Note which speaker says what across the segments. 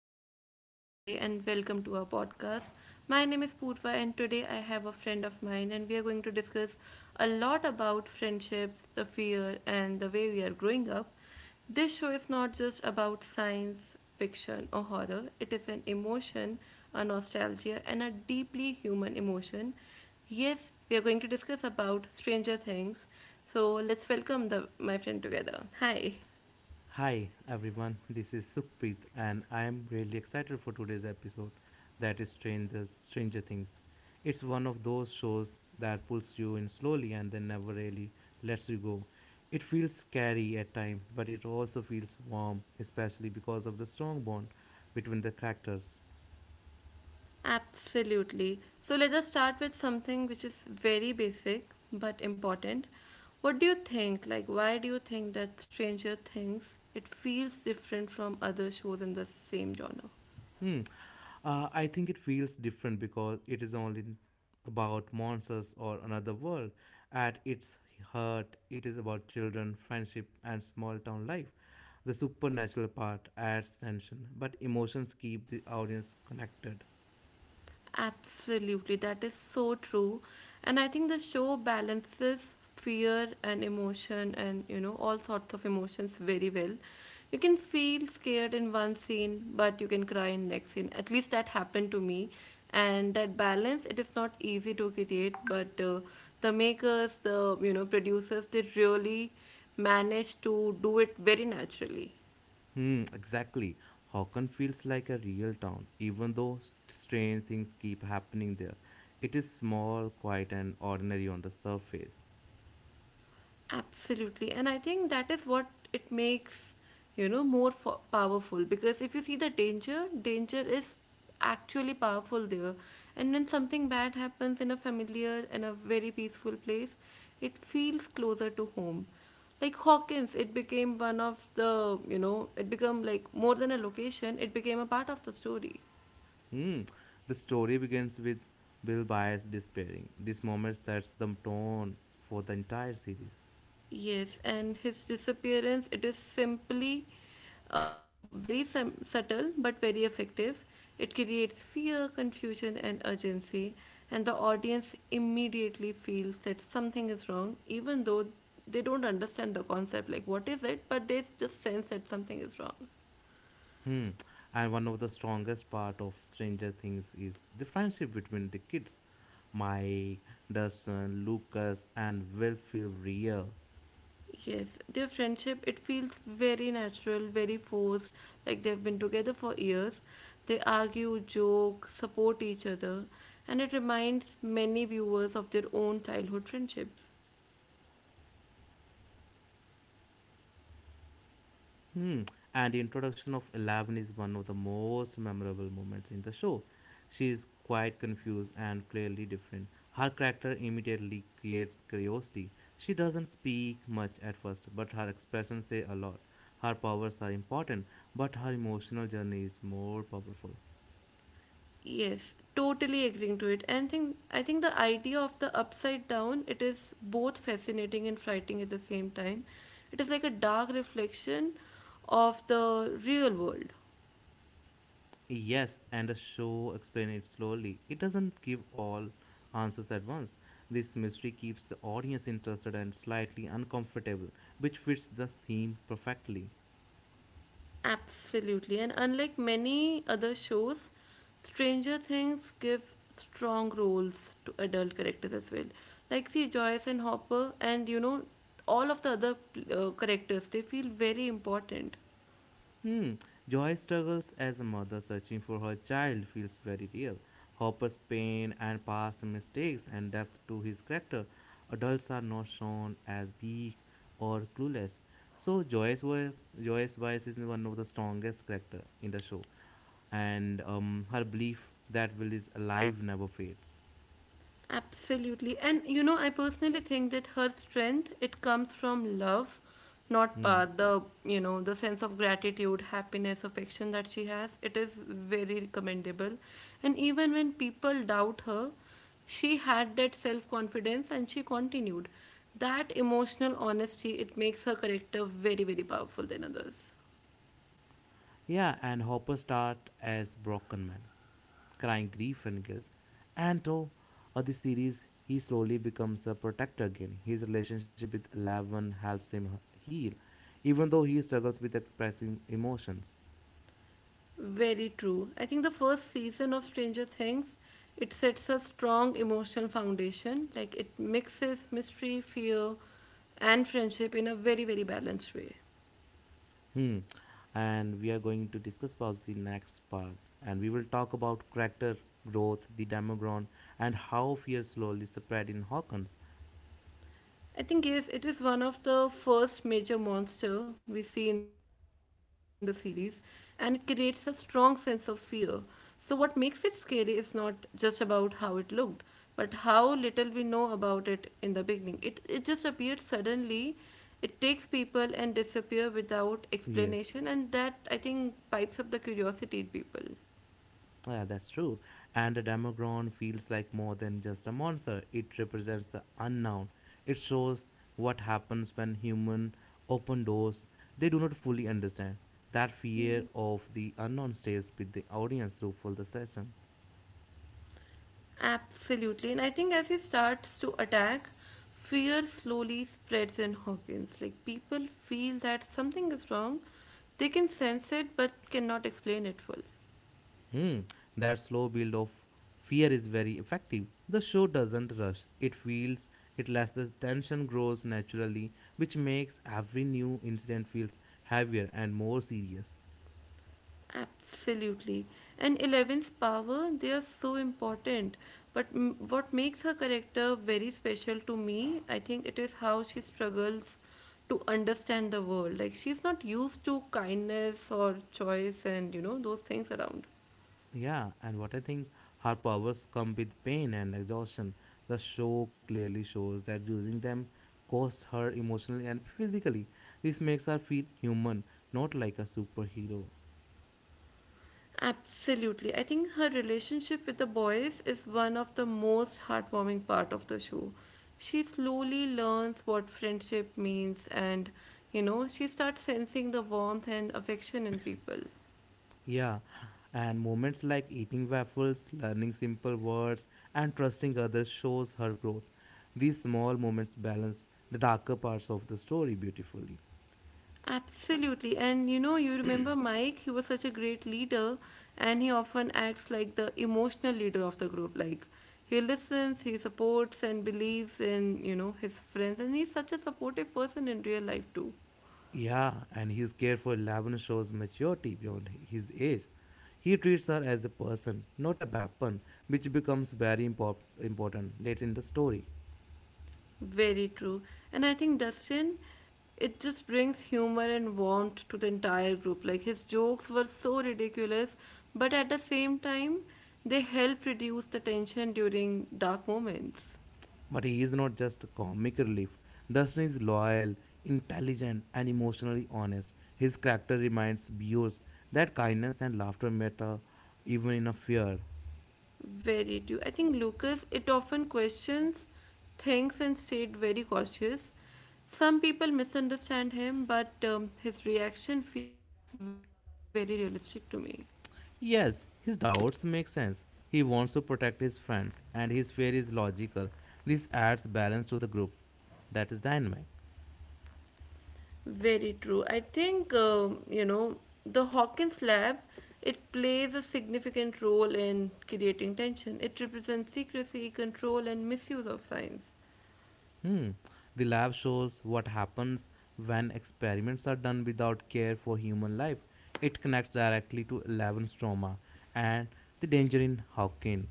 Speaker 1: is your host for today and welcome to our podcast. My name is Purva and today I have a friend of mine and we are going to discuss a lot about friendships, the fear and the way we are growing up. This show is not just about science, fiction or horror. It is an emotion, a nostalgia and a deeply human emotion. Yes, we are going to discuss about Stranger Things. So let's welcome the my friend together. Hi.
Speaker 2: Hi everyone, this is Sukhpreet and I am really excited for today's episode, that is Stranger Things. It's one of those shows that pulls you in slowly and then never really lets you go. It feels scary at times, but it also feels warm, especially because of the strong bond between the characters.
Speaker 1: Absolutely. So let us start with something which is very basic but important. What do you think? Like, why do you think that Stranger Things it feels different from other shows in the same genre?
Speaker 2: Hmm. I think it feels different because it is only about monsters or another world. At its heart, it is about children, friendship, and small town life. The supernatural part adds tension, but emotions keep the audience connected.
Speaker 1: Absolutely, that is so true. And I think the show balances fear and emotion and all sorts of emotions very well. You can feel scared in one scene, but you can cry in next scene. At least that happened to me. And that balance, it is not easy to create, but the makers, the producers, they really managed to do it very naturally.
Speaker 2: Hmm, exactly. Hawken feels like a real town, even though strange things keep happening there. It is small, quiet, and ordinary on the surface.
Speaker 1: Absolutely. And I think that is what it makes, more powerful because if you see the danger, danger is actually powerful there. And when something bad happens in a familiar and a very peaceful place, it feels closer to home. Like Hawkins, it became one of the, you know, it became like more than a location, it became a part of the story.
Speaker 2: Hmm. The story begins with Bill Byers despairing. This moment sets the tone for the entire series.
Speaker 1: Yes, and his disappearance, it is simply very subtle but very effective. It creates fear, confusion, and urgency, and the audience immediately feels that something is wrong, even though they don't understand the concept like what is it, but they just sense that something is wrong.
Speaker 2: Hmm. And one of the strongest part of Stranger Things is the friendship between the kids. Mike, Dustin, Lucas, and Will feel real.
Speaker 1: Yes, their friendship, it feels very natural, very forced, like they've been together for years. They argue, joke, support each other, and it reminds many viewers of their own childhood friendships.
Speaker 2: Hmm. And the introduction of Eleven is one of the most memorable moments in the show. She is quite confused and clearly different. Her character immediately creates curiosity. She doesn't speak much at first, but her expressions say a lot. Her powers are important, but her emotional journey is more powerful.
Speaker 1: Yes, totally agreeing to it. And think I think the idea of the upside down, it is both fascinating and frightening at the same time. It is like a dark reflection of the real world.
Speaker 2: Yes, and the show explains it slowly. It doesn't give all answers at once. This mystery keeps the audience interested and slightly uncomfortable, which fits the theme perfectly.
Speaker 1: Absolutely. And unlike many other shows, Stranger Things give strong roles to adult characters as well. Like, see, Joyce and Hopper, and all of the other characters, they feel very important.
Speaker 2: Hmm. Joy's struggles as a mother searching for her child feels very real. Hopper's pain and past mistakes and depth to his character. Adults are not shown as weak or clueless. So Joyce Wise is one of the strongest character in the show, and her belief that Will is alive never fades.
Speaker 1: Absolutely. And I personally think that her strength, it comes from love, not
Speaker 2: Hmm.
Speaker 1: power. The sense of gratitude, happiness, affection that she has, it is very commendable. And even when people doubt her, she had that self-confidence and she continued. That emotional honesty, it makes her character very, very powerful than others.
Speaker 2: Yeah, and Hopper start as broken man, crying grief and guilt. And through the series, he slowly becomes a protector again. His relationship with Eleven helps him heal, even though he struggles with expressing emotions.
Speaker 1: Very true. I think the first season of Stranger Things, it sets a strong emotional foundation. Like it mixes mystery, fear, and friendship in a very, very balanced way.
Speaker 2: Hmm. And we are going to discuss about the next part, and we will talk about character growth, the Demogron, and how fear slowly spread in Hawkins.
Speaker 1: I think yes, it is one of the first major monster we see in the series, and it creates a strong sense of fear. So what makes it scary is not just about how it looked, but how little we know about it in the beginning. It just appeared suddenly, it takes people and disappear without
Speaker 2: Yes.
Speaker 1: explanation, and that I think pipes up the curiosity in people.
Speaker 2: Yeah, that's true. And a demogorgon feels like more than just a monster. It represents the unknown. It shows what happens when human open doors they do not fully understand. That fear of the unknown stays with the audience through full the session.
Speaker 1: Absolutely. And I think as he starts to attack, fear slowly spreads in Hawkins. Like people feel that something is wrong. They can sense it but cannot explain it full.
Speaker 2: Hmm, that slow build of fear is very effective. The show doesn't rush. It feels it lets the tension grows naturally, which makes every new incident feels heavier and more serious.
Speaker 1: Absolutely. And Eleven's power, they are so important. But what makes her character very special to me, I think it is how she struggles to understand the world. Like she's not used to kindness or choice and those things around.
Speaker 2: Yeah, and what I think her powers come with pain and exhaustion. The show clearly shows that using them costs her emotionally and physically. This makes her feel human, not like a superhero.
Speaker 1: Absolutely. I think her relationship with the boys is one of the most heartwarming part of the show. She slowly learns what friendship means and she starts sensing the warmth and affection in people.
Speaker 2: Yeah, and moments like eating waffles, learning simple words, and trusting others shows her growth. These small moments balance the darker parts of the story beautifully.
Speaker 1: Absolutely. And you remember Mike, he was such a great leader and he often acts like the emotional leader of the group. Like he listens, he supports and believes in his friends and he's such a supportive person in real life too.
Speaker 2: Yeah, and his care for Laban shows maturity beyond his age. He treats her as a person, not a weapon, which becomes very important later in the story.
Speaker 1: Very true. And I think Dustin, it just brings humor and warmth to the entire group. Like his jokes were so ridiculous, but at the same time, they help reduce the tension during dark moments.
Speaker 2: But he is not just a comic relief. Dustin is loyal, intelligent, and emotionally honest. His character reminds viewers that kindness and laughter matter even in a fear.
Speaker 1: Very true. I think Lucas, it often questions things and stayed very cautious. Some people misunderstand him, but his reaction feels very realistic to me.
Speaker 2: Yes, his doubts make sense. He wants to protect his friends, and his fear is logical. This adds balance to the group. That is dynamic.
Speaker 1: Very true. I think, the Hawkins lab, it plays a significant role in creating tension. It represents secrecy, control, and misuse of science.
Speaker 2: Hmm. The lab shows what happens when experiments are done without care for human life. It connects directly to Eleven's trauma and the danger in Hawking.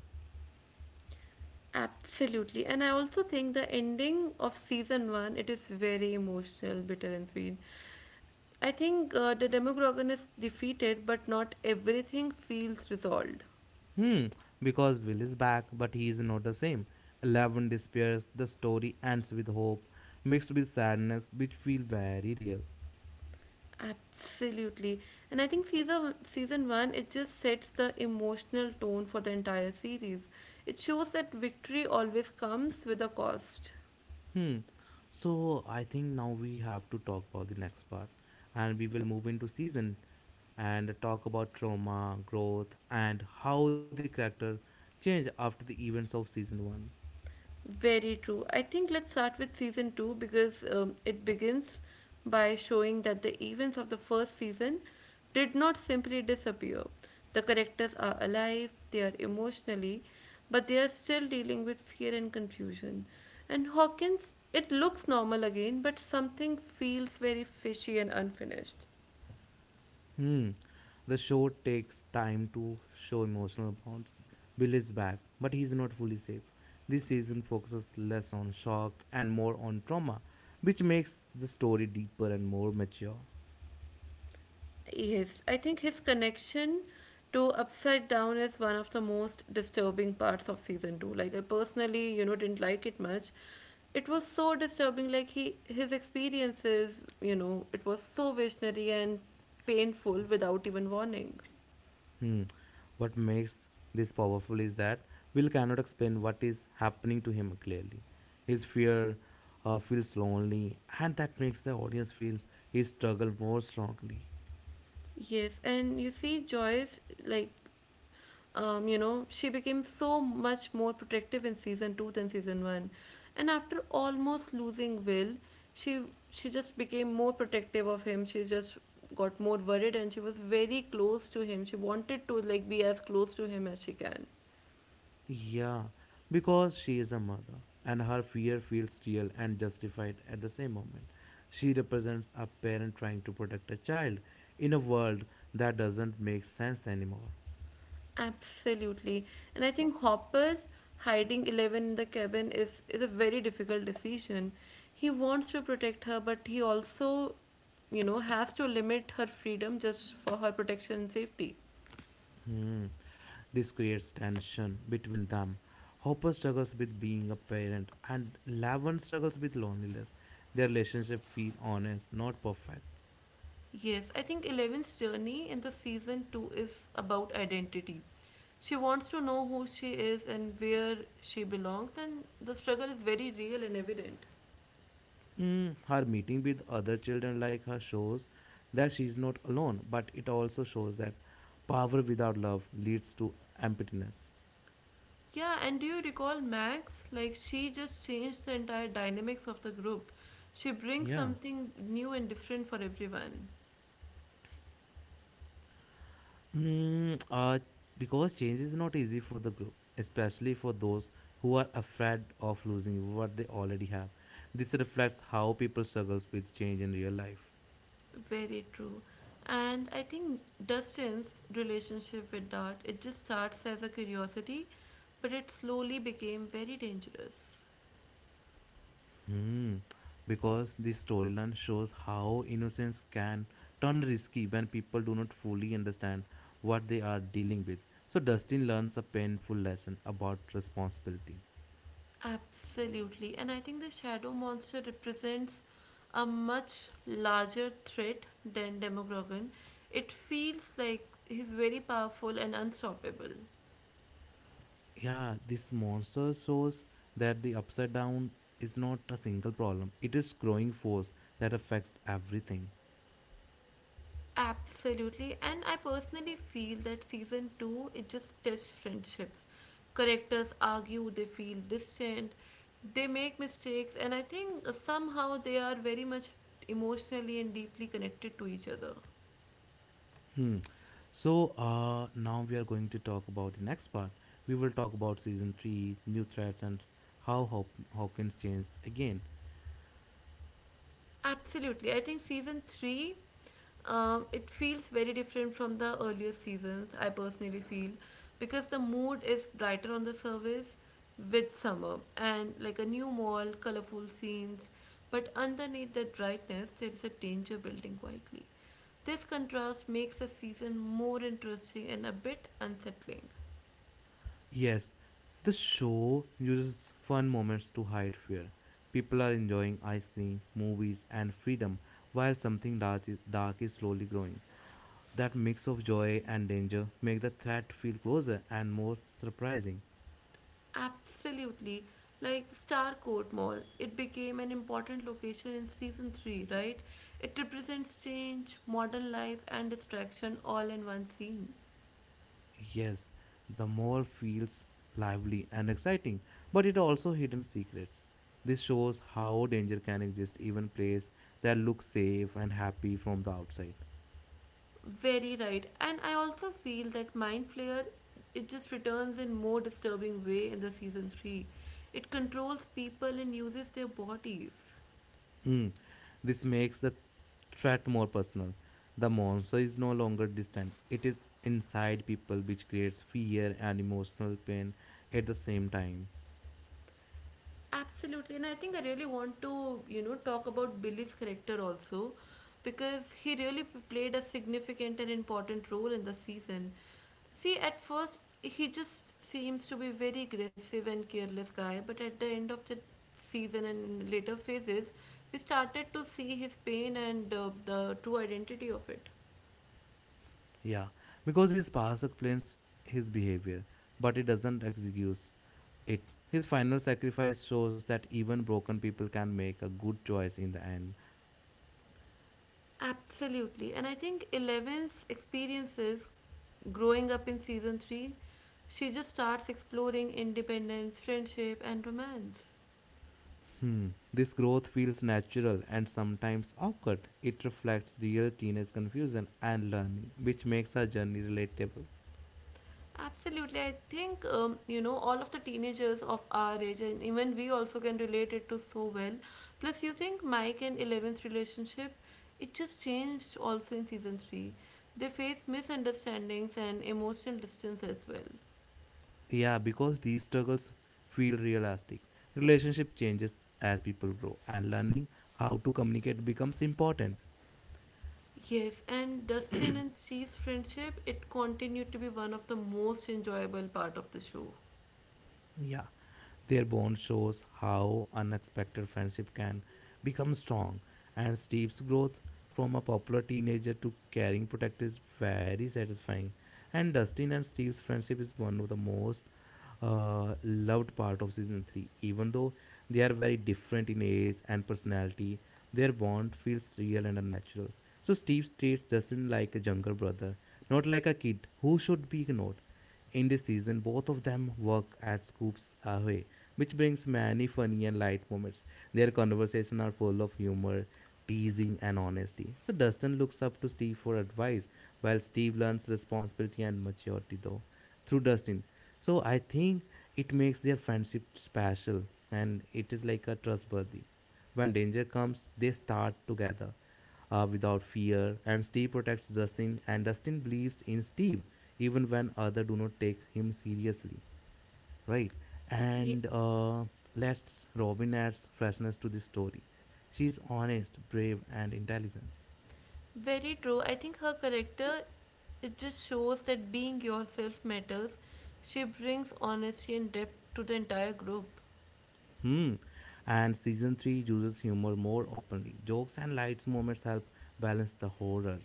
Speaker 1: Absolutely. And I also think the ending of season one, it is very emotional, bitter, and sweet. I think the Demogorgon is defeated, but not everything feels resolved.
Speaker 2: Hmm. Because Will is back, but he is not the same. Eleven despairs. The story ends with hope, mixed with sadness, which feel very real.
Speaker 1: Absolutely. And I think season one it just sets the emotional tone for the entire series. It shows that victory always comes with a cost.
Speaker 2: Hmm. So I think now we have to talk about the next part, and we will move into season and talk about trauma, growth, and how the character changed after the events of season one.
Speaker 1: Very true. I think let's start with season two because it begins by showing that the events of the first season did not simply disappear. The characters are alive, they are emotionally, but they are still dealing with fear and confusion. And Hawkins, it looks normal again, but something feels very fishy and unfinished.
Speaker 2: Hmm. The show takes time to show emotional bonds. Bill is back, but he is not fully safe. This season focuses less on shock and more on trauma, which makes the story deeper and more mature.
Speaker 1: Yes, I think his connection to Upside Down is one of the most disturbing parts of season two. Like I personally didn't like it much. It was so disturbing, like he his experiences it was so visionary and painful without even warning.
Speaker 2: Hmm. What makes this powerful is that Will cannot explain what is happening to him clearly. His fear feels lonely, and that makes the audience feel his struggle more strongly.
Speaker 1: Yes, and you see Joyce like she became so much more protective in season two than season one. And after almost losing Will, she she just became more protective of him. She just got more worried and she was very close to him. She wanted to like be as close to him as she can.
Speaker 2: Yeah, because she is a mother, and her fear feels real and justified at the same moment. She represents a parent trying to protect a child in a world that doesn't make sense anymore.
Speaker 1: Absolutely. And I think Hopper hiding Eleven in the cabin is a very difficult decision. He wants to protect her, but he also has to limit her freedom just for her protection and safety.
Speaker 2: Hmm. This creates tension between them. Hopper struggles with being a parent, and Lavon struggles with loneliness. Their relationship feels honest, not perfect.
Speaker 1: Yes, I think Eleven's journey in the season 2 is about identity. She wants to know who she is and where she belongs, and the struggle is very real and evident.
Speaker 2: Her meeting with other children like her shows that she is not alone, but it also shows that power without love leads to emptiness.
Speaker 1: Yeah, and do you recall Max? Like, she just changed the entire dynamics of the group. She brings
Speaker 2: Yeah.
Speaker 1: something new and different for everyone.
Speaker 2: Mm, uh, because change is not easy for the group, especially for those who are afraid of losing what they already have. This reflects how people struggles with change in real life.
Speaker 1: Very true. And I think Dustin's relationship with Dart, it just starts as a curiosity, but it slowly became very dangerous.
Speaker 2: Hmm. Because this storyline shows how innocence can turn risky when people do not fully understand what they are dealing with. So Dustin learns a painful lesson about responsibility.
Speaker 1: Absolutely. And I think the shadow monster represents a much larger threat than Demogorgon. It feels like he's very powerful and unstoppable.
Speaker 2: Yeah, this monster shows that the upside down is not a single problem. It is growing force that affects everything.
Speaker 1: Absolutely. And I personally feel that season 2 it just tests friendships. Characters argue, they feel distant, they make mistakes, and I think somehow they are very much emotionally and deeply connected to each other.
Speaker 2: Hmm. So now we are going to talk about the next part. We will talk about season three, new threats, and how Hawkins changed again.
Speaker 1: Absolutely. I think season 3 it feels very different from the earlier seasons, I personally feel, because the mood is brighter on the surface with summer and like a new mall, colorful scenes, but underneath that brightness, there is a danger building quietly. This contrast makes the season more interesting and a bit unsettling.
Speaker 2: Yes, the show uses fun moments to hide fear. People are enjoying ice cream, movies, and freedom, while something dark is slowly growing. That mix of joy and danger make the threat feel closer and more surprising.
Speaker 1: Absolutely. Like Starcourt Mall, it became an important location in season 3, right? It represents change, modern life, and distraction all in one scene.
Speaker 2: Yes, the mall feels lively and exciting, but it also hidden secrets. This shows how danger can exist even place that look safe and happy from the outside.
Speaker 1: Very right. And I also feel that Mind Flayer, it just returns in more disturbing way in the season 3. It controls people and uses their bodies.
Speaker 2: Mm, This makes the threat more personal. The monster is no longer distant. It is inside people which creates fear and emotional pain at the same time.
Speaker 1: Absolutely, and I think I really want to talk about Billy's character also, because he really played a significant and important role in the season. See, at first he just seems to be very aggressive and careless guy, but at the end of the season and in later phases, we started to see his pain and the true identity of it.
Speaker 2: Yeah, because his past explains his behavior, but it doesn't excuse it. His final sacrifice shows that even broken people can make a good choice in the end.
Speaker 1: Absolutely. And I think Eleven's experiences growing up in season 3, she just starts exploring independence, friendship, and romance.
Speaker 2: Hmm. This growth feels natural and sometimes awkward. It reflects real teenage confusion and learning, which makes our journey relatable.
Speaker 1: Absolutely. I think, all of the teenagers of our age, and even we also can relate it to so well. Plus, you think Mike and Eleven's relationship, it just changed also in season 3. They faced misunderstandings and emotional distance as well.
Speaker 2: Yeah, because these struggles feel realistic. Relationship changes as people grow, and learning how to communicate becomes important.
Speaker 1: Yes, and Dustin and Steve's friendship, it continued to be one of the most enjoyable part of the show.
Speaker 2: Yeah, their bond shows how unexpected friendship can become strong, and Steve's growth from a popular teenager to caring protector is very satisfying. And Dustin and Steve's friendship is one of the most loved part of season 3, even though they are very different in age and personality, their bond feels real and natural. So Steve treats Dustin like a younger brother, not like a kid who should be ignored. In this season, both of them work at Scoops Ahoy, which brings many funny and light moments. Their conversations are full of humor, teasing, and honesty. So Dustin looks up to Steve for advice, while Steve learns responsibility and maturity, though, through Dustin. So I think it makes their friendship special, and it is like a trustworthy. When danger comes, they start together without fear, and Steve protects Dustin, and Dustin believes in Steve even when others do not take him seriously, right?
Speaker 1: Yeah,
Speaker 2: And let's Robin adds freshness to this story. She's honest, brave, and intelligent.
Speaker 1: very true. I think her character, it just shows that being yourself matters. She brings honesty and depth to the entire group.
Speaker 2: Hmm. And season three uses humor more openly. Jokes and light moments help balance the horror.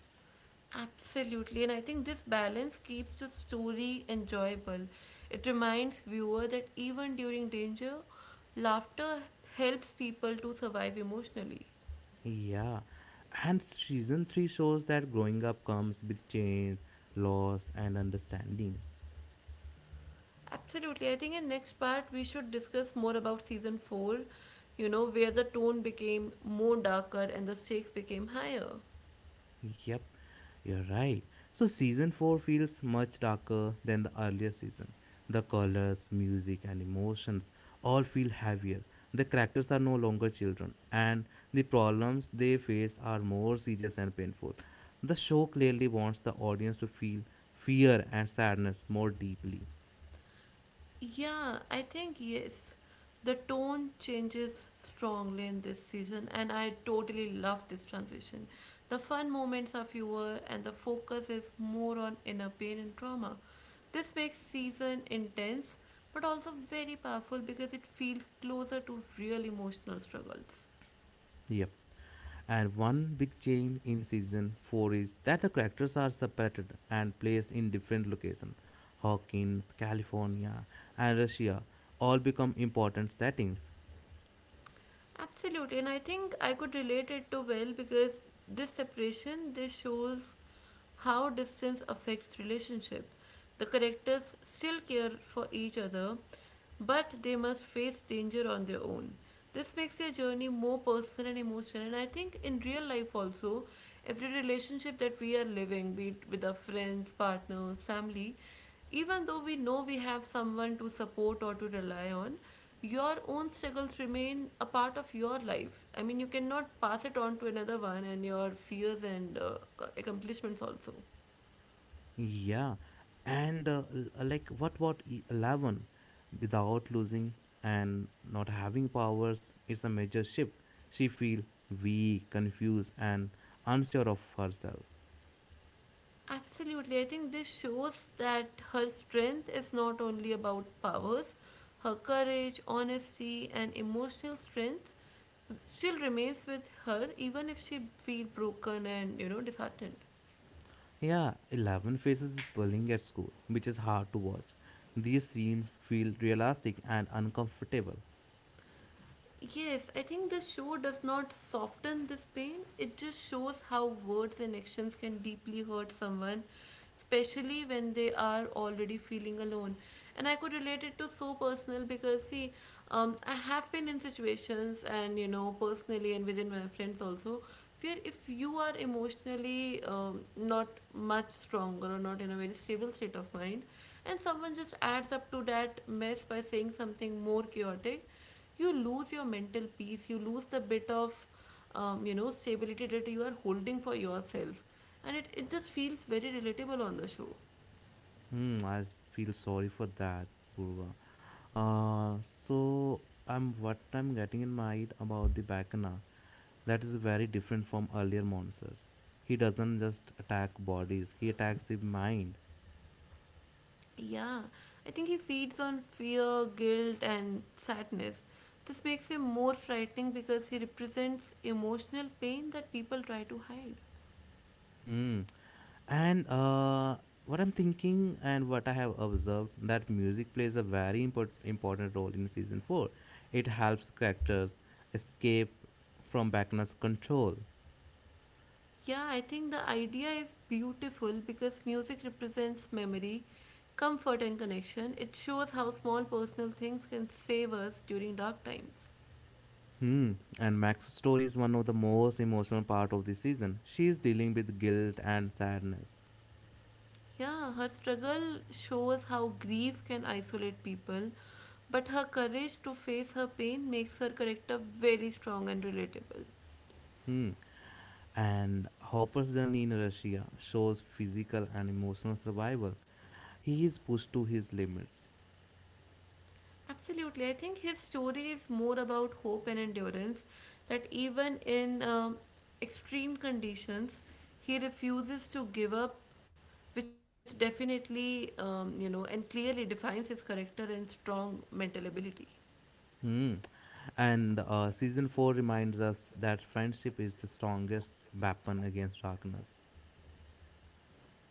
Speaker 1: Absolutely, and I think this balance keeps the story enjoyable. It reminds viewer that even during danger, laughter helps people to survive emotionally.
Speaker 2: Yeah. And season 3 shows that growing up comes with change, loss, and understanding.
Speaker 1: Absolutely. I think in next part we should discuss more about season 4, you know, where the tone became more darker and the stakes became higher.
Speaker 2: Yep, you're right. So season 4 feels much darker than the earlier season. The colors, music, and emotions all feel heavier. The characters are no longer children, and the problems they face are more serious and painful. The show clearly wants the audience to feel fear and sadness more deeply.
Speaker 1: Yeah, I think yes. The tone changes strongly in this season and I totally love this transition. The fun moments are fewer and the focus is more on inner pain and trauma. This makes season intense but also very powerful because it feels closer to real emotional struggles.
Speaker 2: Yep. And one big change in season 4 is that the characters are separated and placed in different locations. Hawkins, California, and Russia all become important settings.
Speaker 1: Absolutely, and I think I could relate it to well because this separation this shows how distance affects relationship. The characters still care for each other, but they must face danger on their own. This makes their journey more personal and emotional, and I think in real life also, every relationship that we are living, be it with our friends, partners, family, even though we know we have someone to support or to rely on, your own struggles remain a part of your life. I mean, you cannot pass it on to another one and your fears and accomplishments also.
Speaker 2: Yeah. And like what about 11 without losing and not having powers is a major shift. She feel weak, confused and unsure of herself.
Speaker 1: Absolutely. I think this shows that her strength is not only about powers, her courage, honesty, and emotional strength still remains with her even if she feels broken and you know disheartened.
Speaker 2: Yeah, Eleven faces bullying at school, which is hard to watch. These scenes feel realistic and uncomfortable.
Speaker 1: Yes, I think the show does not soften this pain. It just shows how words and actions can deeply hurt someone, especially when they are already feeling alone. And I could relate it to so personal because, see, I have been in situations and, you know, personally and within my friends also, where if you are emotionally not much stronger or not in a very stable state of mind, and someone just adds up to that mess by saying something more chaotic, you lose your mental peace, you lose the bit of you know stability that you are holding for yourself, and it just feels very relatable on the show.
Speaker 2: Hmm, I feel sorry for that, Purva. So I'm what I'm getting in mind about the Bacana. That is very different from earlier monsters. He doesn't just attack bodies; he attacks the mind.
Speaker 1: Yeah, I think he feeds on fear, guilt and sadness. This makes him more frightening because he represents emotional pain that people try to hide.
Speaker 2: Hmm. And what I'm thinking and what I have observed that music plays a very important role in season 4. It helps characters escape from Vecna's control.
Speaker 1: Yeah, I think the idea is beautiful because music represents memory, comfort and connection. It shows how small personal things can save us during dark times.
Speaker 2: Hmm. And Max's story is one of the most emotional part of the season. She is dealing with guilt and sadness.
Speaker 1: Yeah, her struggle shows how grief can isolate people, but her courage to face her pain makes her character very strong and relatable.
Speaker 2: Hmm. And Hopper's journey in Russia shows physical and emotional survival. He is pushed to his limits.
Speaker 1: Absolutely, I think his story is more about hope and endurance, that even in extreme conditions, he refuses to give up, which definitely, you know, and clearly defines his character and strong mental ability.
Speaker 2: Hmm. And Season 4 reminds us that friendship is the strongest weapon against darkness.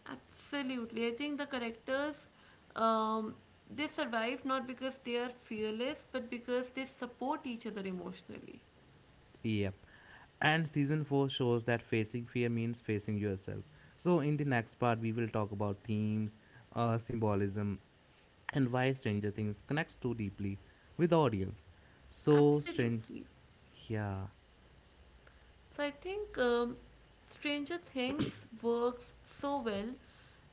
Speaker 1: Absolutely. I think the characters, um, they survive not because they are fearless, but because they support each other emotionally.
Speaker 2: Yep. And season 4 shows that facing fear means facing yourself. So, in the next part, we will talk about themes, symbolism, and why Stranger Things connects too deeply with the audience. So, strange.
Speaker 1: Absolutely.
Speaker 2: Yeah.
Speaker 1: So I think Stranger Things works so well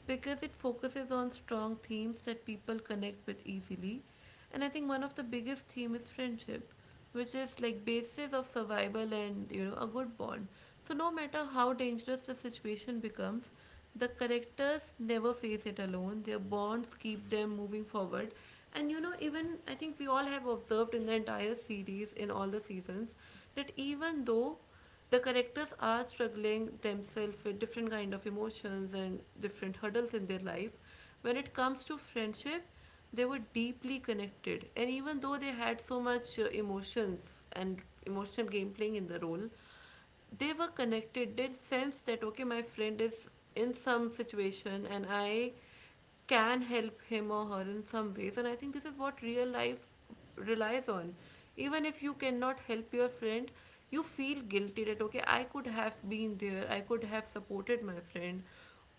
Speaker 1: because it focuses on strong themes that people connect with easily. And I think one of the biggest theme is friendship, which is like basis of survival and you know a good bond. So no matter how dangerous the situation becomes, the characters never face it alone. Their bonds keep them moving forward. And you know, even I think we all have observed in the entire series, in all the seasons, that even though the characters are struggling themselves with different kind of emotions and different hurdles in their life, when it comes to friendship, they were deeply connected, and even though they had so much emotions and emotional game playing in the role, they were connected, they sensed that okay my friend is in some situation and I can help him or her in some ways. And I think this is what real life relies on. Even if you cannot help your friend, you feel guilty that, okay, I could have been there, I could have supported my friend.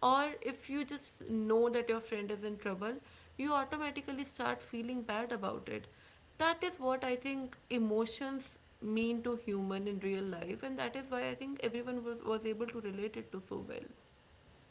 Speaker 1: Or if you just know that your friend is in trouble, you automatically start feeling bad about it. That is what I think emotions mean to human in real life, and that is why I think everyone was able to relate it to so well.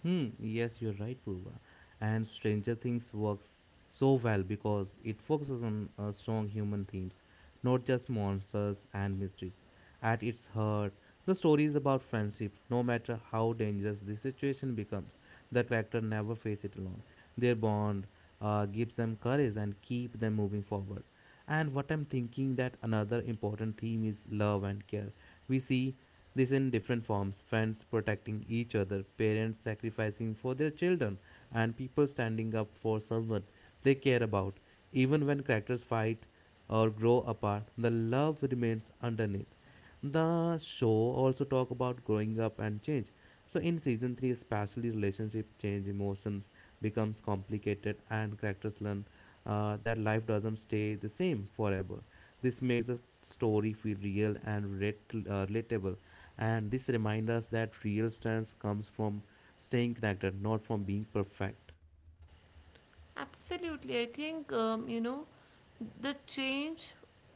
Speaker 2: Hmm. Yes, you're right, Purva. And Stranger Things works so well because it focuses on strong human themes, not just monsters and mysteries. At its heart, the story is about friendship. No matter how dangerous the situation becomes, the character never face it alone. Their bond gives them courage and keep them moving forward. And what I'm thinking that another important theme is love and care. We see this in different forms: friends protecting each other, parents sacrificing for their children, and people standing up for someone they care about. Even when characters fight or grow apart, the love remains underneath. The show also talk about growing up and change. So in season 3, especially, relationship change, emotions becomes complicated, and characters learn that life doesn't stay the same forever. This makes the story feel real and relatable, and this reminds us that real strength comes from staying connected, not from being perfect.
Speaker 1: Absolutely. I think, you know, the change,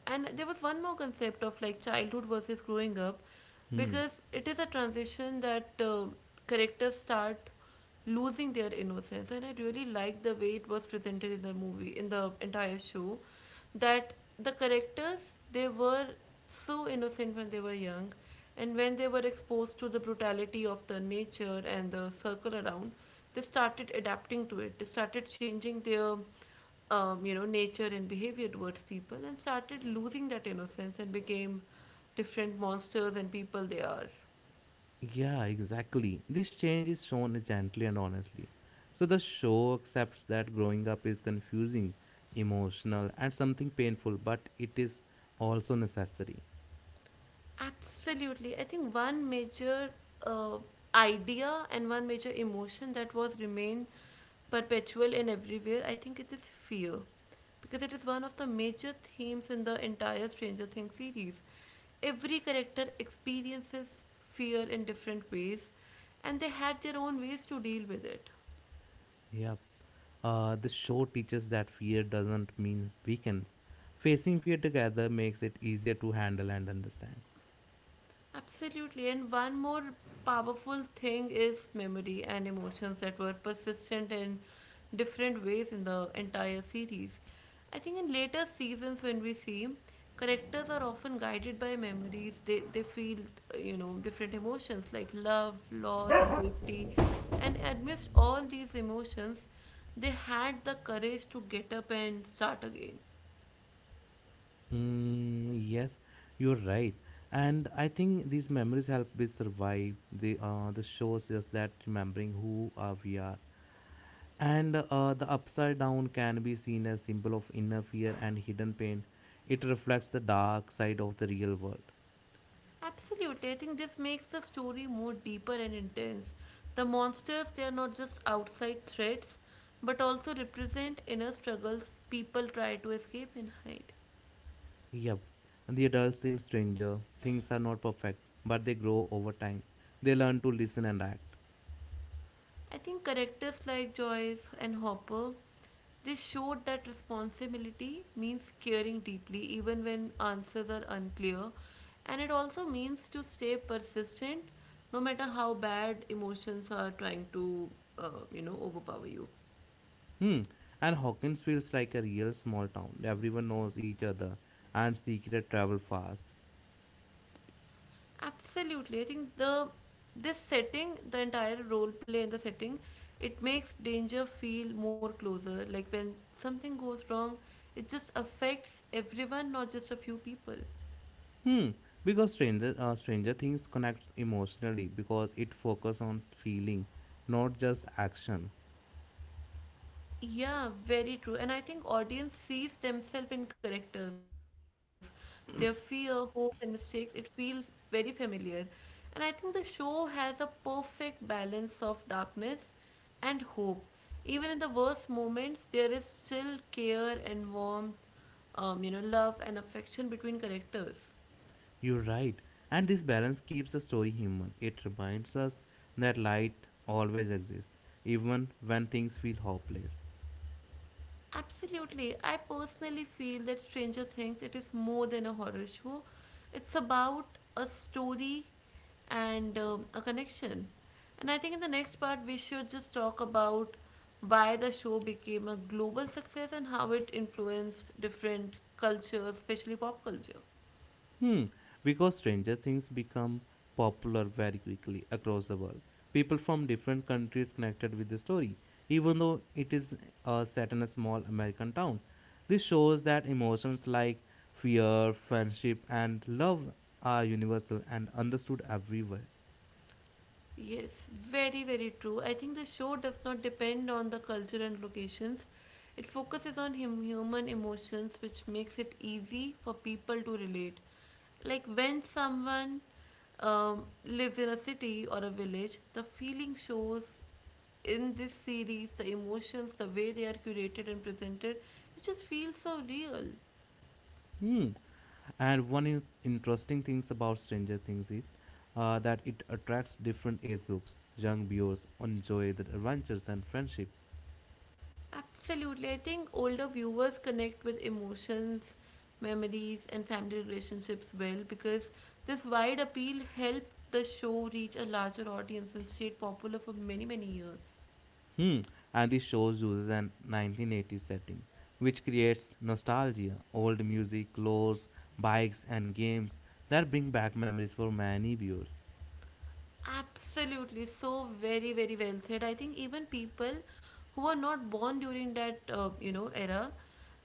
Speaker 1: and there was one more concept of like childhood versus growing up,
Speaker 2: Hmm.
Speaker 1: because it is a transition that characters start losing their innocence. And I really like the way it was presented in the movie, in the entire show, that the characters, they were so innocent when they were young, and when they were exposed to the brutality of the nature and the circle around, they started adapting to it. They started changing their, you know, nature and behavior towards people, and started losing that innocence and became different monsters and people they are.
Speaker 2: Yeah, exactly. This change is shown gently and honestly. So the show accepts that growing up is confusing, emotional, and something painful, but it is also necessary.
Speaker 1: Absolutely. I think one major uh, idea and one major emotion that was remain perpetual in everywhere, I think it is fear. Because it is one of the major themes in the entire Stranger Things series. Every character experiences fear in different ways, and they had their own ways to deal with it.
Speaker 2: Yep. The show teaches that fear doesn't mean weakness. Facing fear together makes it easier to handle and understand.
Speaker 1: Absolutely. And one more powerful thing is memory and emotions that were persistent in different ways in the entire series. I think in later seasons, when we see characters are often guided by memories, they feel, you know, different emotions like love, loss, safety. And amidst all these emotions, they had the courage to get up and start again.
Speaker 2: Mm, yes, you're right. And I think these memories help us survive. The shows just that remembering who we are. And the upside down can be seen as symbol of inner fear and hidden pain. It reflects the dark side of the real world.
Speaker 1: Absolutely. I think this makes the story more deeper and intense. The monsters, they are not just outside threats, but also represent inner struggles people try to escape and hide.
Speaker 2: Yep, the adults in Stranger, things are not perfect, but they grow over time. They learn to listen and act.
Speaker 1: I think characters like Joyce and Hopper, they showed that responsibility means caring deeply even when answers are unclear, and it also means to stay persistent no matter how bad emotions are trying to, you know, overpower you.
Speaker 2: Hmm, and Hawkins feels like a real small town. Everyone knows each other, and secret travel fast.
Speaker 1: Absolutely. I think the this setting, the entire role play and the setting, it makes danger feel more closer. Like when something goes wrong, it just affects everyone, not just a few people.
Speaker 2: Hmm, because Stranger Things connects emotionally because it focuses on feeling, not just action.
Speaker 1: Yeah, very true. And I think audience sees themselves in characters. Their fear, hopes, and mistakes, it feels very familiar. And I think the show has a perfect balance of darkness and hope. Even in the worst moments, there is still care and warmth, you know, love and affection between characters.
Speaker 2: You're right. And this balance keeps the story human. It reminds us that light always exists, even when things feel hopeless.
Speaker 1: Absolutely. I personally feel that Stranger Things it is more than a horror show. It's about a story and a connection. And I think in the next part we should just talk about why the show became a global success and how it influenced different cultures, especially pop culture.
Speaker 2: Hmm, because Stranger Things become popular very quickly across the world. People from different countries connected with the story, even though it is set in a small American town. This shows that emotions like fear, friendship, and love are universal and understood everywhere.
Speaker 1: Yes, very, very true. I think the show does not depend on the culture and locations. It focuses on hum- human emotions, which makes it easy for people to relate. Like when someone lives in a city or a village, the feeling shows in this series, the emotions, the way they are curated and presented, it just feels so real.
Speaker 2: Hmm. And one interesting things about Stranger Things is that it attracts different age groups. Young viewers enjoy the adventures and friendship.
Speaker 1: Absolutely. I think older viewers connect with emotions, memories, and family relationships well because this wide appeal helped the show reach a larger audience and stayed popular for many, many years.
Speaker 2: Hmm. And this show uses an 1980s setting, which creates nostalgia, old music, clothes, bikes, and games that bring back memories for many viewers.
Speaker 1: Absolutely, so very, very well said. I think even people who were not born during that you know era,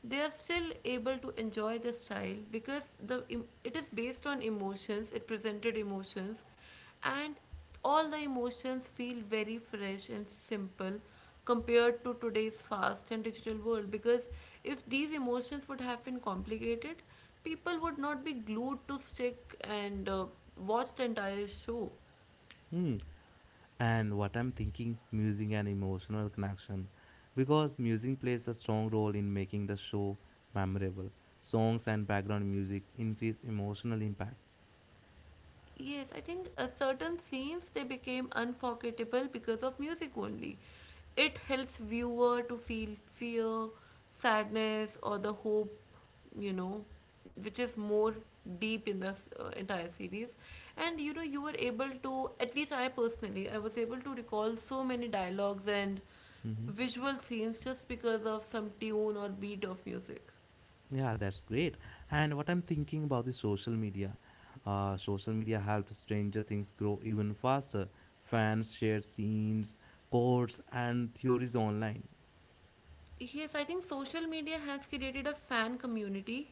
Speaker 1: they are still able to enjoy the style because the em- it is based on emotions. It presented emotions, and all the emotions feel very fresh and simple compared to today's fast and digital world. Because if these emotions would have been complicated, people would not be glued to stick and watch the entire show.
Speaker 2: Hmm. And what I'm thinking, music and emotional connection, because music plays a strong role in making the show memorable. Songs and background music increase emotional impact.
Speaker 1: Yes, I think certain scenes they became unforgettable because of music only. It helps viewer to feel fear, sadness, or the hope, you know, which is more deep in this entire series. And you know, you were able to, at least I personally, I was able to recall so many dialogues and
Speaker 2: Hmm.
Speaker 1: visual scenes just because of some tune or beat of music.
Speaker 2: Yeah, that's great. And what I'm thinking about the social media, social media helped Stranger Things grow even faster. Fans shared scenes, quotes, and theories online.
Speaker 1: Yes, I think social media has created a fan community,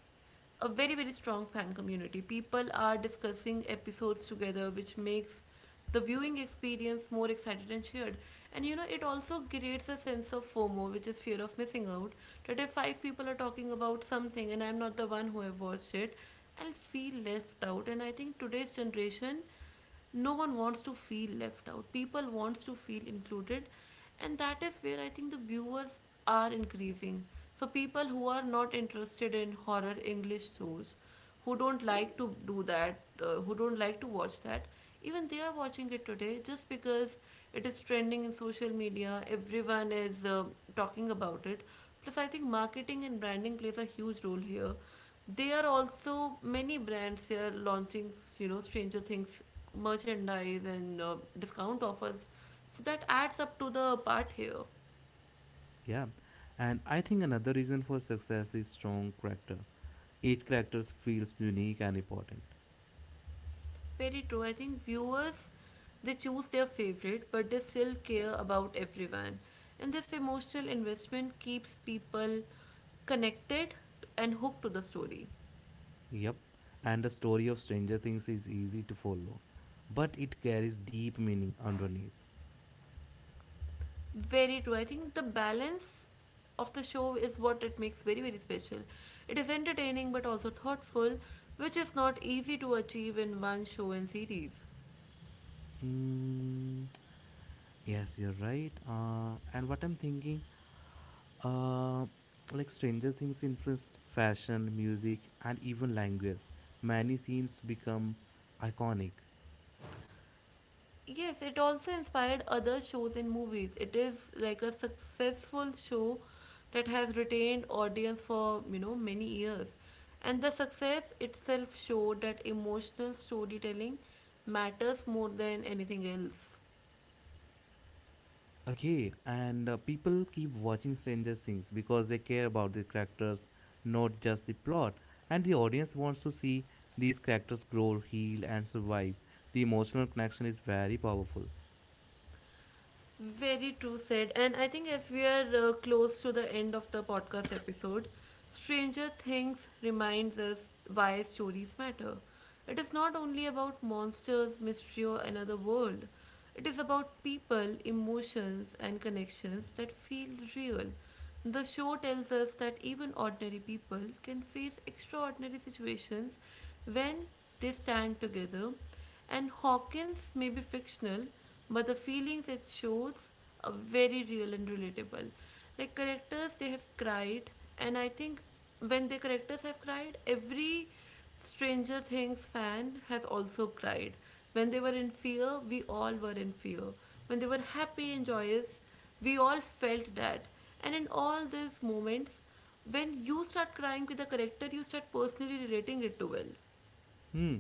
Speaker 1: a very, very strong fan community. People are discussing episodes together, which makes the viewing experience more excited and shared. And you know, it also creates a sense of FOMO, which is fear of missing out. That if 5 people are talking about something and I'm not the one who have watched it, I'll feel left out. And I think today's generation, no one wants to feel left out, people wants to feel included, and that is where I think the viewers are increasing. So people who are not interested in horror english shows, who don't like to do that, who don't like to watch that, even they are watching it today just because it is trending in social media, everyone is talking about it. Plus I think marketing and branding plays a huge role here. There are also many brands here launching, you know, Stranger Things merchandise and discount offers. So that adds up to the part here.
Speaker 2: Yeah. And I think another reason for success is strong character. Each character feels unique and important.
Speaker 1: Very true. I think viewers they choose their favorite, but they still care about everyone. And this emotional investment keeps people connected and hooked to the story.
Speaker 2: Yep, and the story of Stranger Things is easy to follow, but it carries deep meaning underneath.
Speaker 1: Very true. I think the balance of the show is what it makes very, very special. It is entertaining but also thoughtful, which is not easy to achieve in one show and series.
Speaker 2: Mm, yes, you're right. And what I'm thinking, uh, like, Stranger Things influenced fashion, music, and even language. Many scenes become iconic.
Speaker 1: Yes, it also inspired other shows and movies. It is like a successful show that has retained audience for, you know, many years. And the success itself showed that emotional storytelling matters more than anything else.
Speaker 2: Okay, and people keep watching Stranger Things because they care about the characters, not just the plot. And the audience wants to see these characters grow, heal, and survive. The emotional connection is very powerful.
Speaker 1: Very true said. And I think as we are close to the end of the podcast episode, Stranger Things reminds us why stories matter. It is not only about monsters, mystery, or another world. It is about people, emotions, and connections that feel real. The show tells us that even ordinary people can face extraordinary situations when they stand together, and Hawkins may be fictional, but the feelings it shows are very real and relatable. Like characters, they have cried, and I think when the characters have cried, every Stranger Things fan has also cried. When they were in fear, we all were in fear. When they were happy and joyous, we all felt that. And in all these moments, when you start crying with the character, you start personally relating it to Will.
Speaker 2: Hmm.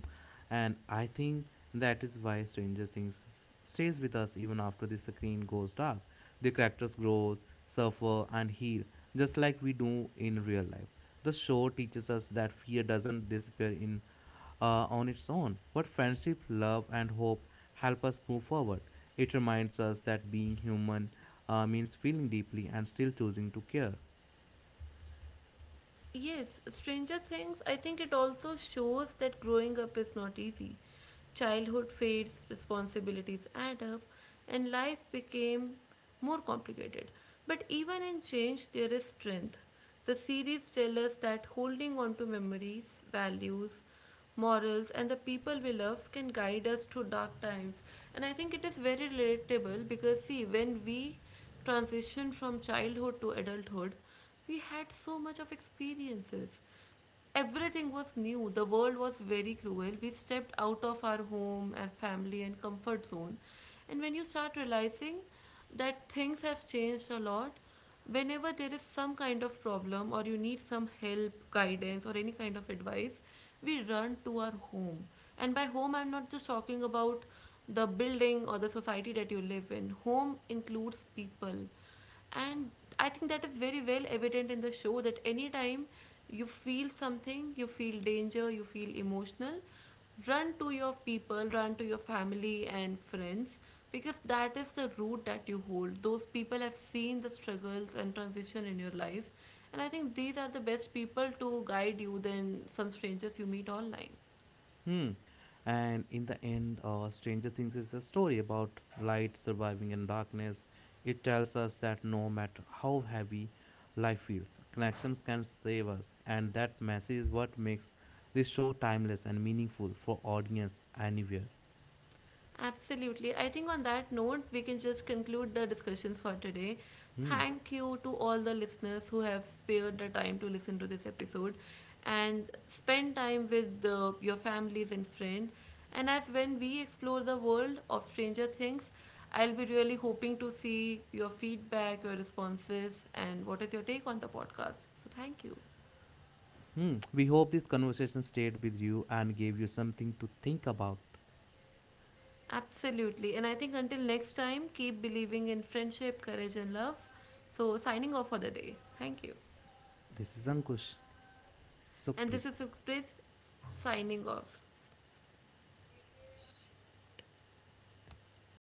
Speaker 2: And I think that is why stays with us even after the screen goes dark. The characters grows, suffer, and heal, just like we do in real life. The show teaches us that fear doesn't disappear in on its own, but friendship, love, and hope help us move forward. It reminds us that being human means feeling deeply and still choosing to care.
Speaker 1: Yes, Stranger Things, I think it also shows that growing up is not easy. Childhood fades, responsibilities add up, and life became more complicated. But even in change, there is strength. The series tells us that holding on to memories, values, morals, and the people we love can guide us through dark times. And I think it is very relatable because, see, when we transition from childhood to adulthood, we had so much of experiences. Everything was new, the world was very cruel. We stepped out of our home and family and comfort zone, and when you start realizing that things have changed a lot, whenever there is some kind of problem or you need some help, guidance, or any kind of advice, we run to our home. And by home, I'm not just talking about the building or the society that you live in. Home includes people. And I think that is very well evident in the show, that anytime you feel something, you feel danger, you feel emotional, run to your people, run to your family and friends, because that is the root that you hold. Those people have seen the struggles and transition in your life, and I think these are the best people to guide you than some strangers you meet online.
Speaker 2: Hmm. And in the end, Stranger Things is a story about light surviving in darkness. It tells us that no matter how heavy life feels, connections can save us, and that message is what makes this show timeless and meaningful for audience anywhere.
Speaker 1: Absolutely. I think on that note, we can just conclude the discussions for today.
Speaker 2: Hmm.
Speaker 1: Thank you to all the listeners who have spared the time to listen to this episode and spend time with your families and friends. And as when we explore the world of Stranger Things, I'll be really hoping to see your feedback, your responses, and what is your take on the podcast. So, thank you.
Speaker 2: Hmm. We hope this conversation stayed with you and gave you something to think about.
Speaker 1: Absolutely. And I think until next time, keep believing in friendship, courage, and love. So, signing off for the day. Thank you.
Speaker 2: This is Ankush
Speaker 1: And this is
Speaker 2: Sukhpreet.
Speaker 1: Sukhpreet signing off.